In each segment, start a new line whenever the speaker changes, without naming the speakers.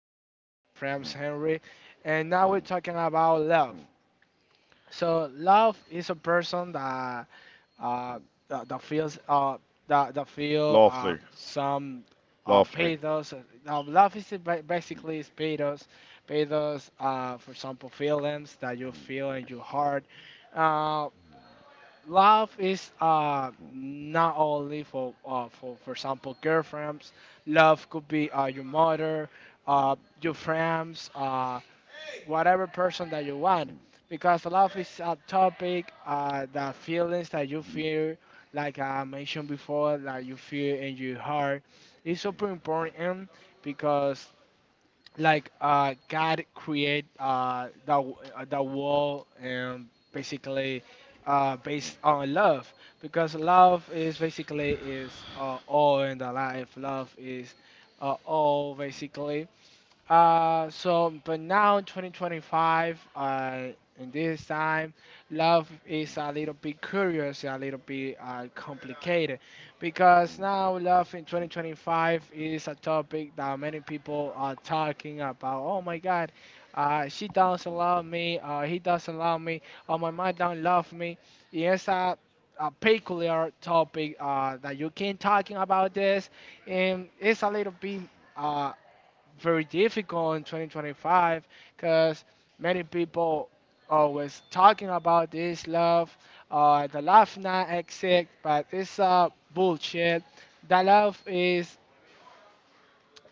here with my friends Henry, and now we're talking about love. So, love is a person that uh, that feels that feel
Lovely,
some
lovely.
pathos. Now, love is basically is pathos, pathos. For example, feelings that you feel in your heart. Uh, Love is
Hmm.
not only for example girlfriends. Love could be your mother, uh your friends, whatever person that you want, because love is a topic, the feelings that you feel, like I mentioned before, that you feel in your heart is super important because God create the world, and basically based on love, because love is basically is all in the life. Love is all basically, but now in 2025, in this time, love is a little bit curious, a little bit complicated, because now love in 2025 is a topic that many people are talking about. Oh my God, she doesn't love me, he doesn't love me, or my mom don't love me. It's a peculiar topic that you can talking about this, and it's a little bit. uh, very difficult in 2025 because many people always talking about this love, the love not exist, but it's bullshit. The love is,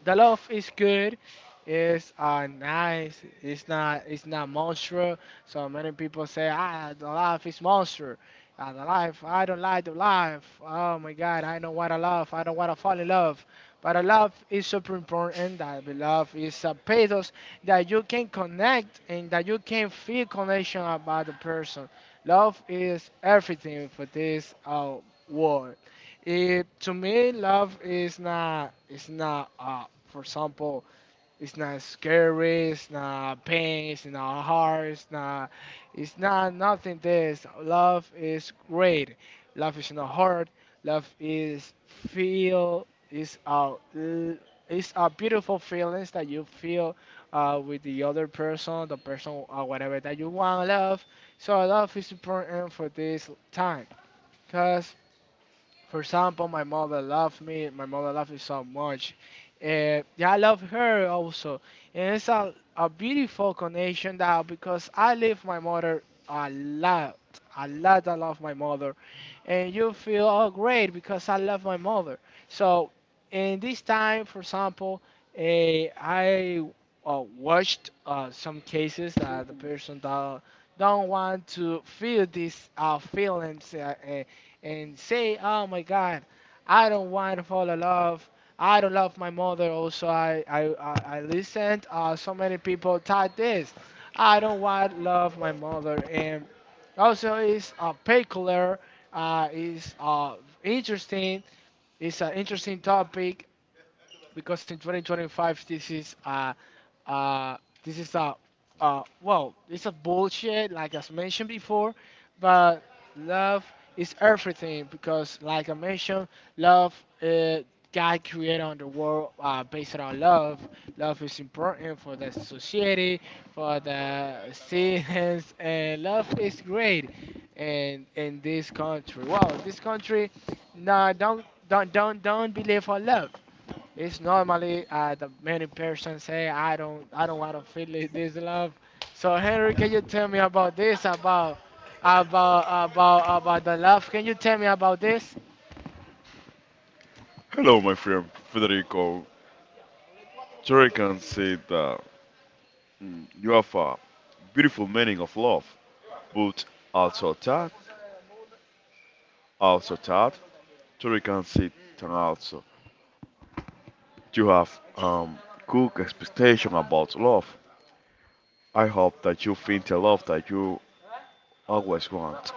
the love is good. It's nice. It's not. It's not monstrous. So many people say, ah, the life is monstrous. Ah, the life. I don't like the life. Oh my God, I don't want to love. I don't want to fall in love. But a love is super important. That the love is a pathos that you can connect and that you can feel connection about the person. Love is everything for this world. It, to me, love is not. It's not. For example, it's not scary. It's not pain. It's not hard. It's not. It's not nothing. This love is great. Love is not hard. Love is feel. Is a. It's a beautiful feelings that you feel with the other person, the person, whatever that you want love. So love is important for this time, cause for example, my mother loved me. My mother loved me so much. Yeah, I love her also, and it's a beautiful connection now because I love my mother a lot, a lot. I love my mother, and you feel oh great because I love my mother. So in this time, for example, I watched some cases that the person that don't want to feel these feelings. And say, "Oh my God, I don't want to fall in love. I don't love my mother." Also, I listened. So many people type this. I don't want to love my mother, and also it's peculiar. Is interesting. It's an interesting topic because in 2025 uh this is a it's a bullshit like as mentioned before, but love is everything because like I mentioned, love, uh, God created on the world based on love. Love is important for the society, for the citizens, and love is great, and in this country, wow, this country, no, don't believe on love. It's normally, the many persons say, I don't, I don't want to feel it, this love. So Henry, can you tell me about this, about the love? Can you tell me about this?
Hello, my friend Federico. Jerry can see that you have a beautiful meaning of love, but also that, also that. Jerry can see that also. You have good expectation about love. I hope that you find the love that you always want.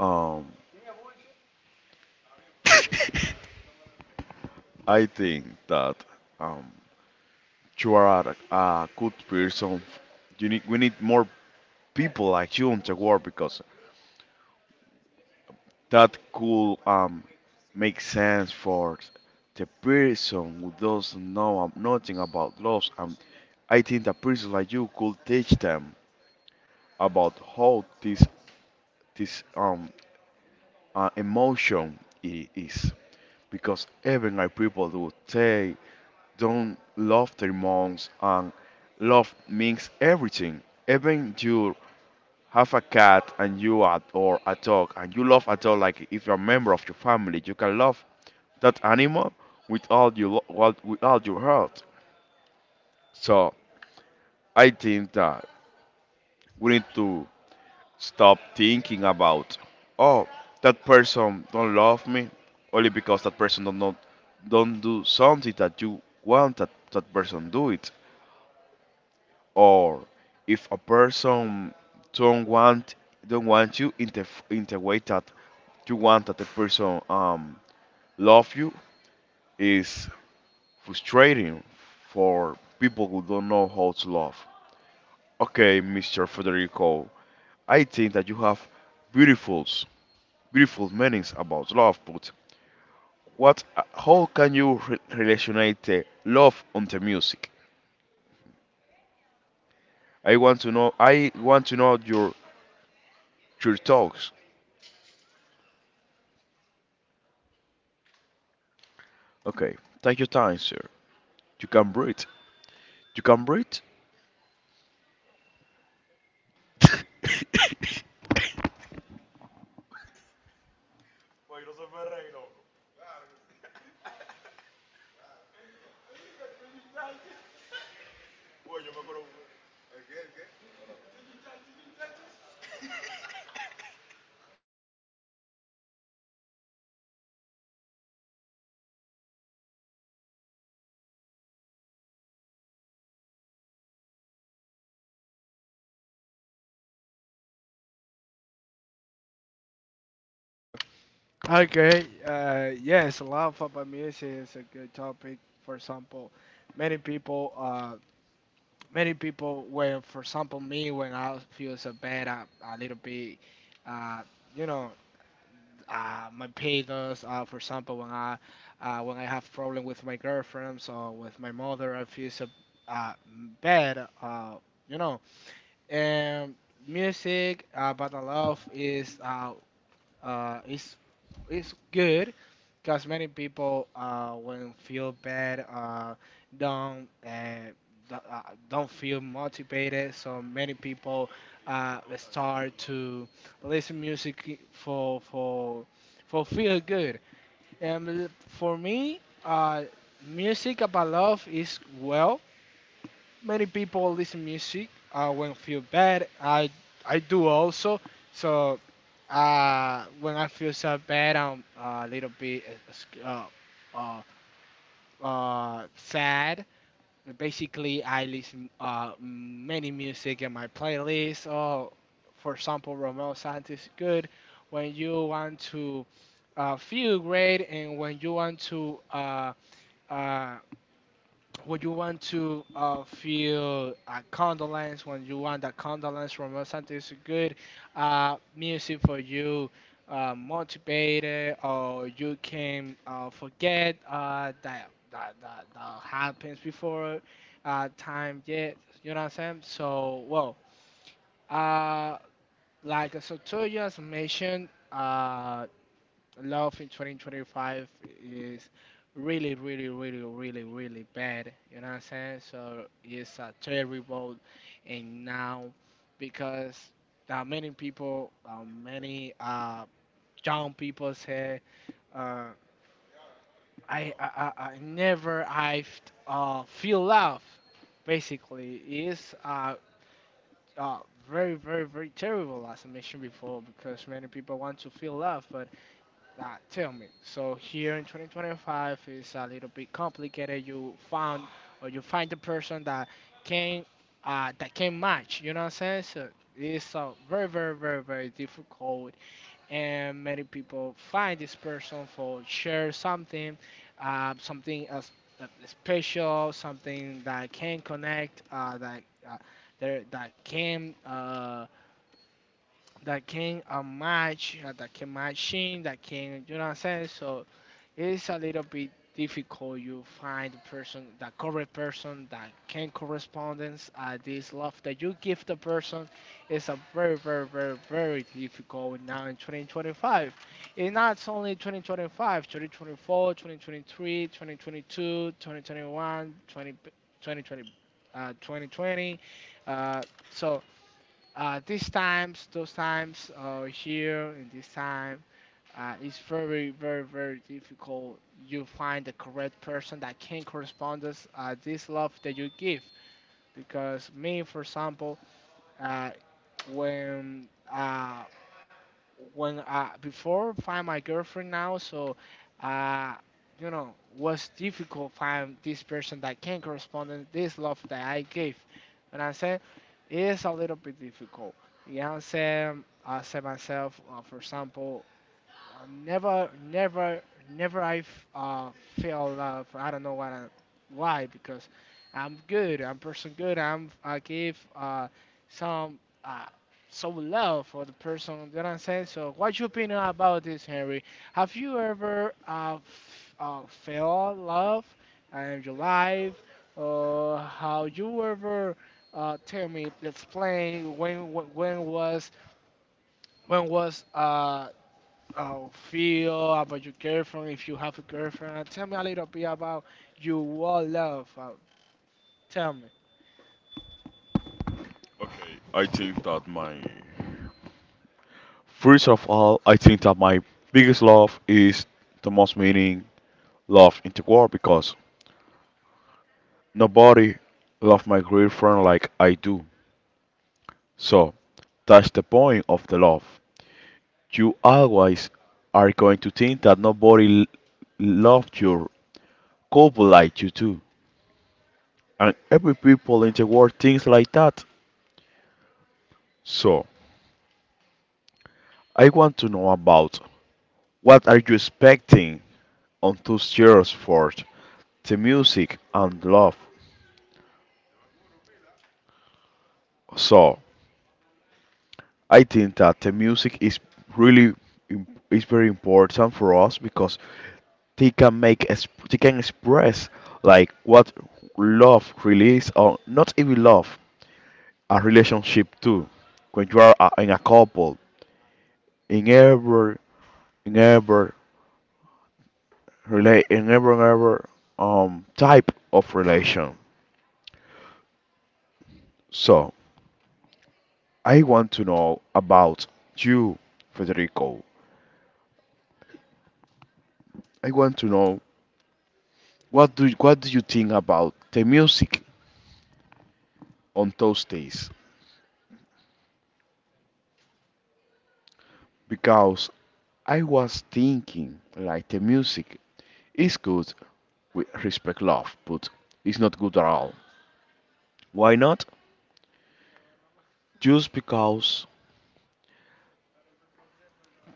Um, I think that um, you are a good person. You need we need more people like you in the world because that could make sense for the person who doesn't know nothing about laws. And I think a person like you could teach them about how this emotion it is because even like people do they don't love their moms, and love means everything, even your have a cat and you are, or a dog, and you love a dog like if you're a member of your family you can love that animal with all you lo- well, with all your heart. So I think that we need to stop thinking about oh, that person don't love me only because that person don't do something that you want that that person do it, or if a person don't want don't want you in the in the way that you want that the person, love you, is frustrating for people who don't know how to love. Okay, Mr. Federico, I think that you have beautiful, beautiful meanings about love, but what, how can you relationate the love on the music? I want to know. I want to know your thoughts. Okay, take your time, sir. You can breathe. You can breathe.
Okay, yes, love about music is a good topic. For example, many people, uh, many people, when, for example, me, when I feel so bad, I, a little bit, uh, you know, my parents. For example, when I have problem with my girlfriends or with my mother, I feel so uh, bad. You know, and music, but I love is uh, it's it's good because many people when feel bad don't uh, do- uh don't feel motivated. So many people start to listen music for feel good. And for me, music about love is well. Many people listen music when feel bad. I do also. So when I feel so bad, I'm a little bit uh, sad. Basically, I listen many music in my playlist. Oh, for example, Romeo Santos is good. When you want to feel great and when you want to uh, feel a condolence when you want that condolence from us? Something is good music for you, motivated, or you can forget that happens before time yet. You know what I'm saying? So well, uh, to you as mentioned, love in 2025 is really, really, really, really, really bad. You know what I'm saying? So it's a terrible, and now because there are many people, many young people say, uh, I never I feel love. Basically, it's uh, very, very, very terrible, as I mentioned before, because many people want to feel love, but tell me, so here in 2025 is a little bit complicated. You found or you find the person can that can match. You know what I'm saying? So it's very, very, very, very difficult, and many people find this person for share something, something as special, something that can connect, that uh, there that can match, that can matching, that can you know what I'm saying? So it's a little bit difficult you find the person, the correct person, that can correspondence, this love that you give the person is a very very very very difficult now in 2025, and not only 2025, 2024, 2023, 2022, 2021, 20, 2020, 2020, uh, so these times, those times here in this time, it's very, very, very difficult. You find the correct person that can correspond us, this love that you give. Because me, for example, uh, when uh, when before find my girlfriend now, so uh, you know, was difficult find this person that can correspond in this love that I gave. And I said it's a little bit difficult. You know, I'm saying, I said myself, for example, never, never, never I feel love. I don't know what I, why, because I'm good. I'm person good. I give some uh, some love for the person. You know what I'm saying? So what's your opinion about this, Henry? Have you ever felt love in your life? Or how you ever tell me, explain, when was, when was how feel about your girlfriend, if you have a girlfriend. Tell me a little bit about your what love. Tell me.
Okay, I think that my. First of all, I think that my biggest love is the most meaning love in the world because nobody love my girlfriend like I do. So that's the point of the love. You always are going to think that nobody loved your couple like you do, and every people in the world thinks like that. So I want to know about what are you expecting on 2 years for the music and love. So I think that the music is really is very important for us because they can make exp they can express like what love really is, or not even love, a relationship too, when you are a, in a couple, in every in every relate in every type of relation. So I want to know about you, Federico. I want to know what do you think about the music on those days, because I was thinking like the music is good with respect love, but it's not good at all. Why not? Just because,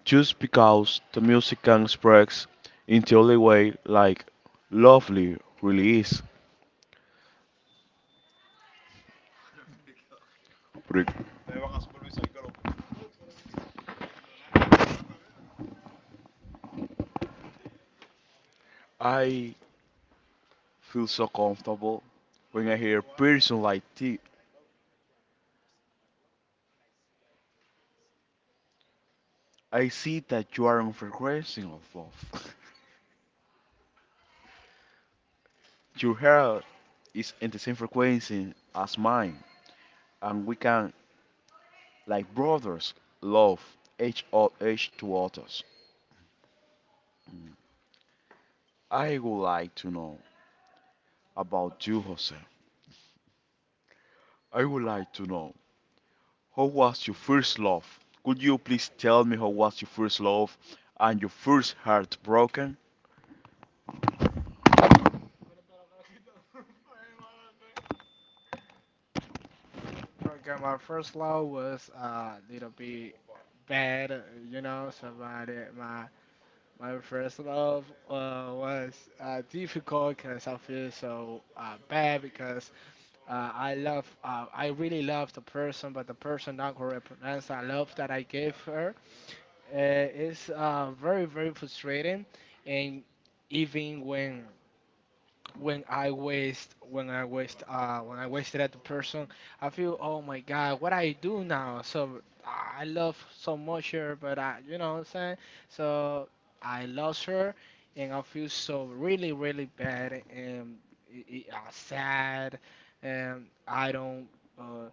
just because the music can express in the only way like lovely really is. Rick, I feel so comfortable when I hear a person like thee. I see that you are on frequency of love. Your hair is in the same frequency as mine, and we can, like brothers, love each, each to others. I would like to know about you, Jose. I would like to know how was your first love? Could you please tell me how was your first love and your first heart broken?
For example, my first love was a little bit bad, you know, somebody my first love was difficult because I feel so bad because I really love the person, but the person not represents the love that I gave her. Uh, it's very, very frustrating, and even when I waste when I waste when I wasted at the person, I feel oh my god, what I do now? So I love so much her, but I, you know what I'm saying. So I lost her, and I feel so really really bad and i sad, and I don't. Uh,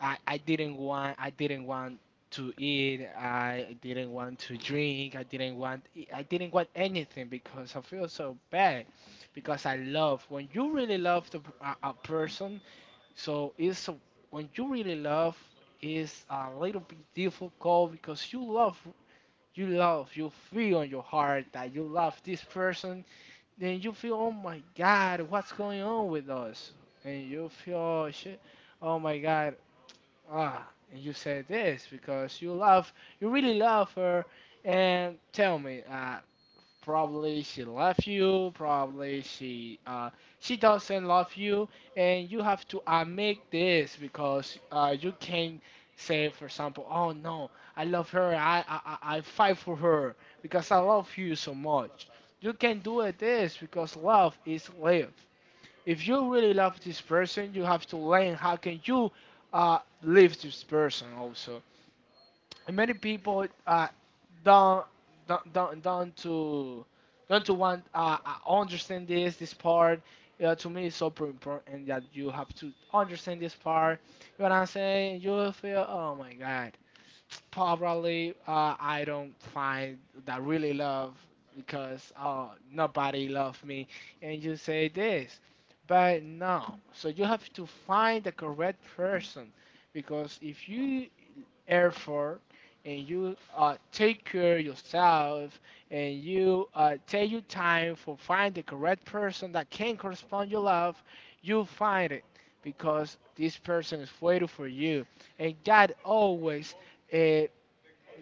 I didn't want, to eat, I didn't want to drink, I didn't want anything because I feel so bad because I love when you really love the, a person. So it's when you really love is a little bit difficult because you love, you feel in your heart that you love this person, then you feel oh my god, what's going on with us, and you feel shit, oh my god. Ah, and you said this because you love, you really love her. And tell me, probably she left you, probably she doesn't love you, and you have to make this because you can say, for example, oh no, I love her, I I fight for her because I love you so much. You can do it this because love is live. If you really love this person, you have to learn how can you live this person also. And many people don't don't don't don't to don't to want understand this part. To me, it's super important that you have to understand this part. You know what I'm saying? You will feel, oh my god. Probably I don't find that really love because nobody loved me, and you say this, but no. So you have to find the correct person because if you effort and you take care of yourself and you take your time for find the correct person that can correspond your love, you find it because this person is waiting for you. And God always eh,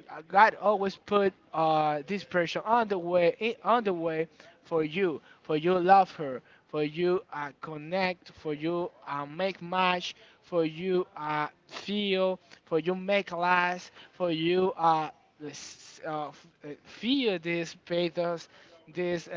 God always put this pressure on the way in, on the way for you love her, for you connect, for you make match, for you feel, for you make last, for you feel this pathos. This uh,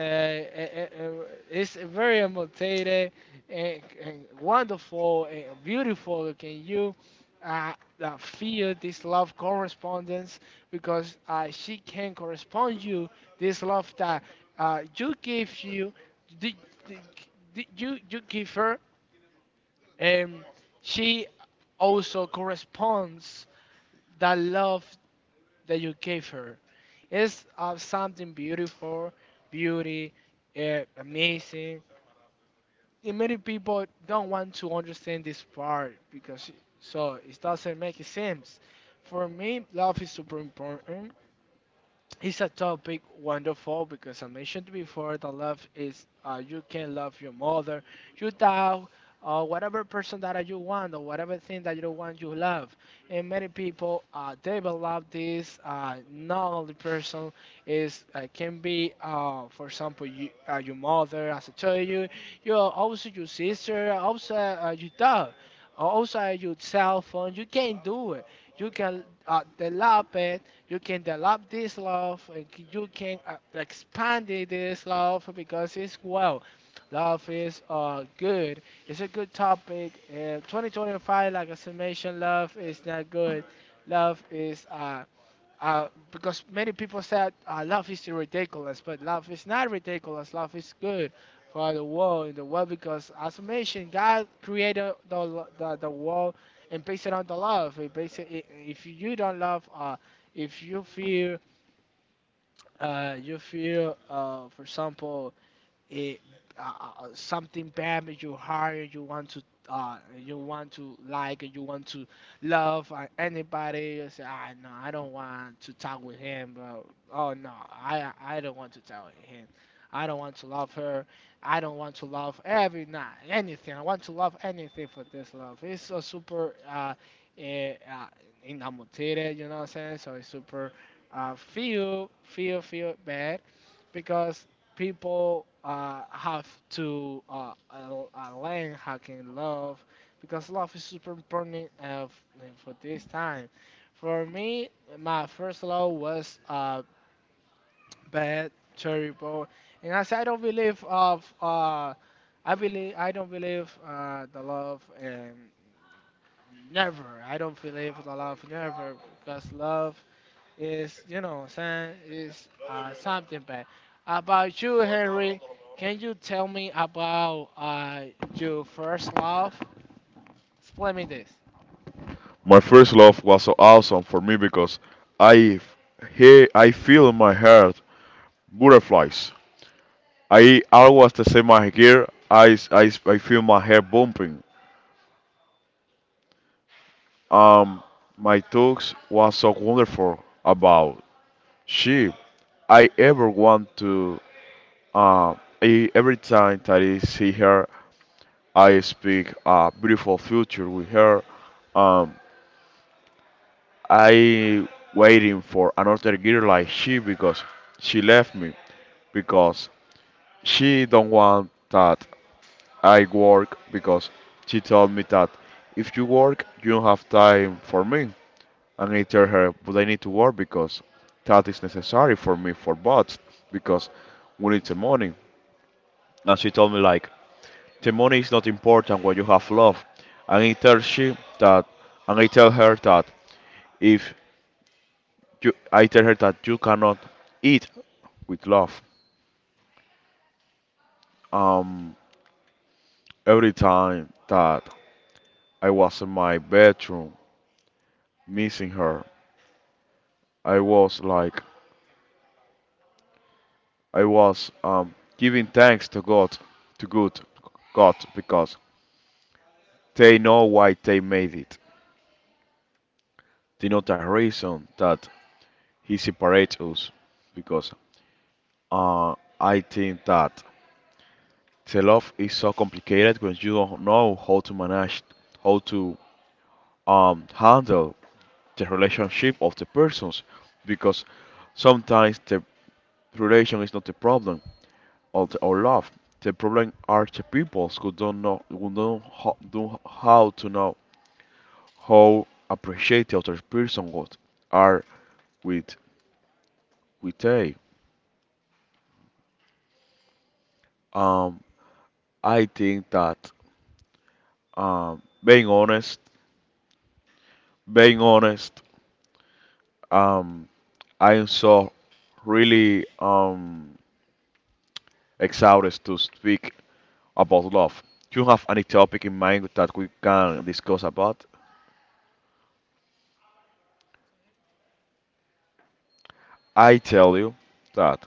uh, uh, uh, is very motivated and wonderful and beautiful. Can you uh, feel this love correspondence because she can correspond you this love that you give you the, the, you give her and she also corresponds the love that you gave her. It's something beautiful, beauty, amazing. And many people don't want to understand this part because, so it doesn't make sense. For me love is super important. It's a topic wonderful because I mentioned before, the love is, you can love your mother, your dog, or whatever person that you want or whatever thing that you want you love. And many people develop this not only person, is can be for example you, your mother as I told you, you are also your sister, also your dog, also your cell phone. You can do it. You can develop it, you can develop this love, and you can expand it, this love, because it's, well, love is good. It's a good topic. 2025, like I said, mentioned, love is not good. Love is because many people said love is ridiculous, but love is not ridiculous. Love is good for the world, in the world, because, as I mentioned, God created the, the world and based it on the love. It based it. If you don't love, if you feel, you feel, for example, it something bad that you hire, you want to, you want to, like, you want to love anybody. You say, "Ah, no, I don't want to talk with him, bro. Oh no, I don't want to talk with him. I don't want to love her. I don't want to love every night anything. I want to love anything for this love." It's so super, eh, uh, enamoted, you know what I'm saying? So it's super feel, feel bad because people have to learn how can love, because love is super important. For this time. For me, my first love was bad, terrible, and as I don't believe of I believe, I don't believe the love, and never, I don't believe the love never, because love, it's, you know, saying, it's something bad. About you, Henry, can you tell me about your first love? Explain me this.
My first love was so awesome for me because I he, I feel in my heart butterflies. I always the same my hair. I feel my hair bumping. Um, my talks was so wonderful about she. I ever want to. Uh, I, every time that I see her, I speak a beautiful future with her. Um, I waiting for another girl like she, because she left me because she don't want that I work, because she told me that if you work you don't have time for me. And I tell her, but I need to work because that is necessary for me for bots, because we need the money. And she told me like the money is not important when you have love. And I tell her that if you I tell her that you cannot eat with love. Um every time that I was in my bedroom missing her, I was like I was giving thanks to God, to good God, because they know why they made it. They know the reason that he separates us because, uh, I think that the love is so complicated when you don't know how to manage, how to handle the relationship of the persons, because sometimes the relation is not the problem, or the, or love. The problem are the people who don't know, who don't how to know how appreciate the other person what are with we take. Um, I think that, um, being honest, being honest, um, I am so really excited to speak about love. Do you have any topic in mind that we can discuss about? I tell you that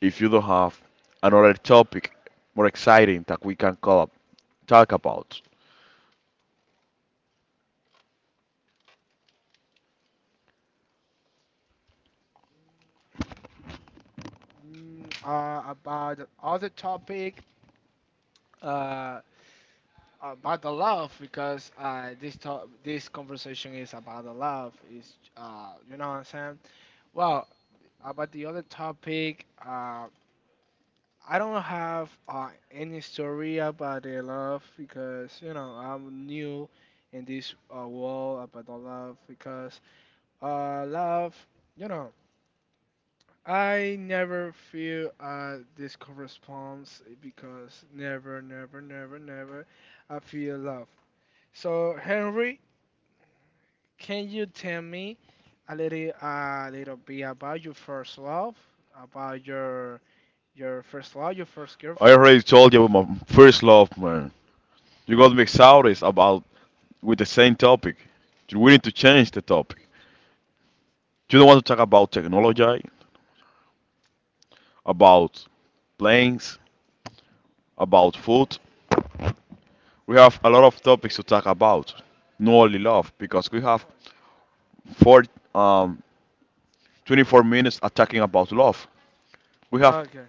if you don't have another topic more exciting that we can talk about,
Mm, about the other topic, uh, about the love, because this conversation is about the love. Is you know what I'm saying? Well, about the other topic. I don't have any story about the love because you know I'm new in this world about the love because love, you know, I never feel this corresponds because never, never, never, never I feel love. So Henry, can you tell me a little bit about your first love, about your first love, your first
I
girlfriend?
already told you about my first love, man. You got me excited about with the same topic. We need to change the topic. You don't want to talk about technology, about planes, about food. We have a lot of topics to talk about, not only love, because we have four, um, 24 minutes are talking about love. We have
Okay.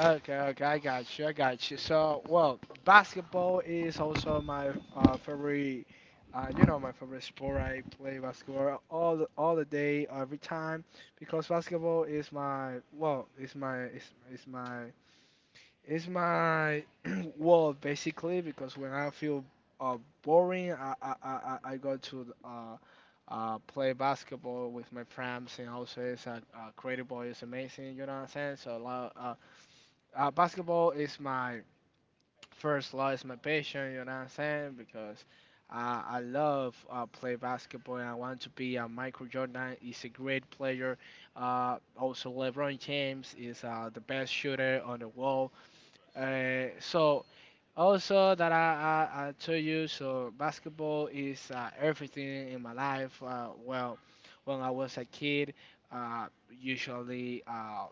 Okay, okay, I got you, I got you. So, well, basketball is also my favorite, you know, my favorite sport. I play basketball all the day, every time, because basketball is my, well, it's my, it's my, it's my world basically. Because when I feel boring, I go to play basketball with my friends, and also it's a creative ball is amazing. You know what I'm saying? So, a lot. Basketball is my first love, it's my passion, you know what I'm saying? Because I love play basketball and I want to be a Michael Jordan. He's a great player. Also, LeBron James is the best shooter on the world. So, also that I told you, so basketball is everything in my life. Well, when I was a kid, uh, usually. Uh,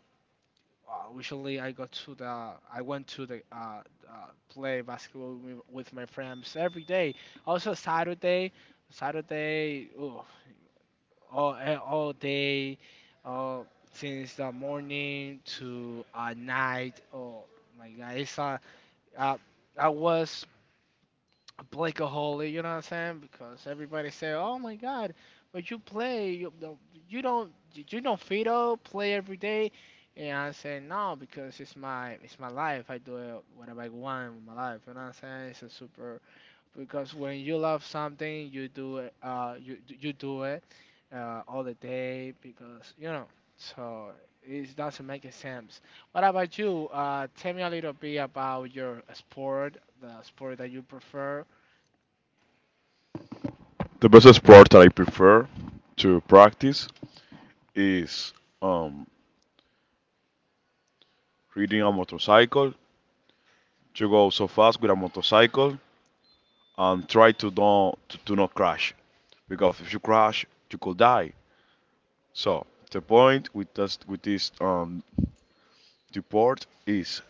uh, Usually, I go to the, I went to the uh, play basketball with, with my friends every day. Also Saturday, Saturday, oof, all all day, uh, since the morning to night. Oh my God, it's uh, I was Blakeaholic, you know what I'm saying? Because everybody say, "Oh my God, but you play, you don't, you don't, you don't feed play every day." And I say, "No, because it's my life. I do it whatever I want with my life." You know what I'm saying? It's a super, because when you love something, you do it, you you do it, all the day because you know. So it doesn't make a sense. What about you? Tell me a little bit about your sport, the sport that you prefer.
the best sport that I prefer to practice is, um, riding a motorcycle. To go so fast with a motorcycle and try to don't to not crash, because if you crash, you could die. So the point with this report is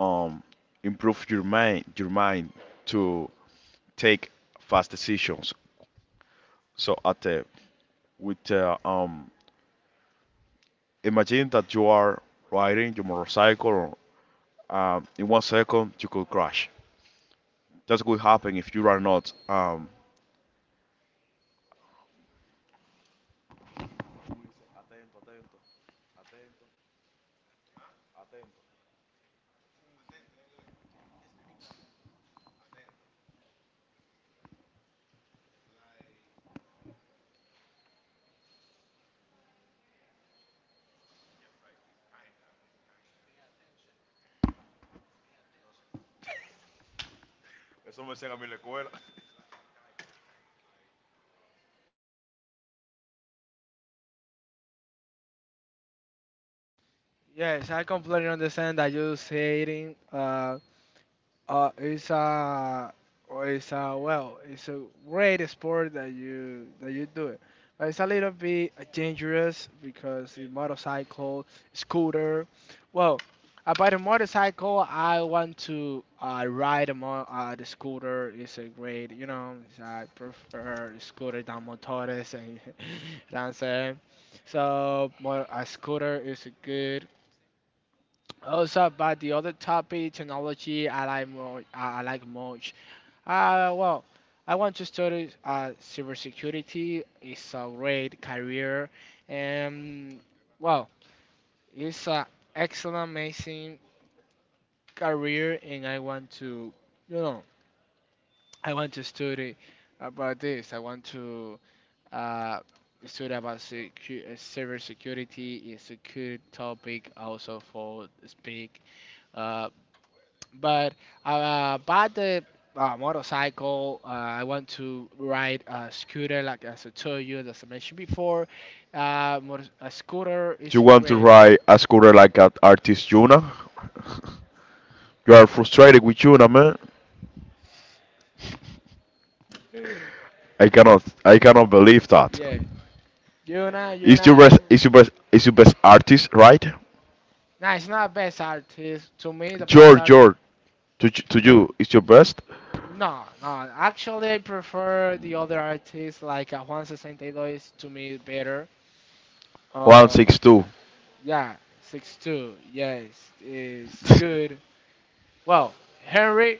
um improve your mind to take fast decisions. So at the with imagine that you are riding your motorcycle in 1 second you could crash. That could happen if you are not
Yes, I completely understand that you saying it's a, it's a, well, it's a great sport that you, that you do it, but it's a little bit dangerous because the motorcycle, scooter. Well, about the motorcycle, I want to ride a mo the scooter. It's a great, you know, it's, I prefer scooter than motores, and you know what I'm saying. So a scooter is a good, also about the other topic, technology, I like more. I like much. Well, I want to study cybersecurity. It's a great career, and well, it's an excellent, amazing career, and I want to, you know, I want to study about this. I want to uh, study about cybersecurity. It's a good topic also for speak. Uh, But I bought the motorcycle. I want to ride a scooter, like as I told you, as I mentioned before. A scooter
you
is
want to
great.
ride a scooter like an artist Yuna. You are frustrated with Yuna, man. I cannot believe that.
Yeah, you're not, you're
Is your
not.
best, is your best, is your best artist, right?
Nah, it's not best artist. To me, the
Your
best artist.
your to
No,
you is your best?
no. Actually, I prefer the other artists like Juan 62 is to me better.
One
Uh,
six two.
yeah, 62. Yes, it's good. Well, Henry,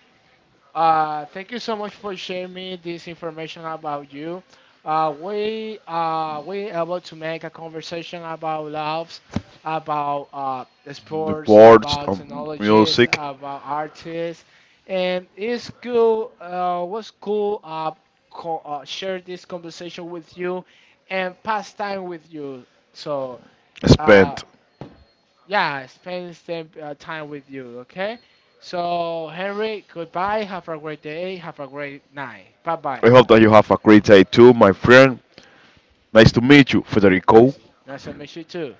thank you so much for sharing me this information about you. We we able to make a conversation about loves, about the
The
sports,
boards,
about technologies,
music.
about artists, and it's cool. Was cool share this conversation with you and pass time with you. So uh,
Spent.
yeah, spend some time with you, okay? So, Henry, goodbye. Have a great day. Have a great night. Bye bye.
I hope that you have a great day too, my friend. Nice to meet you, Federico.
Nice, nice to meet you too.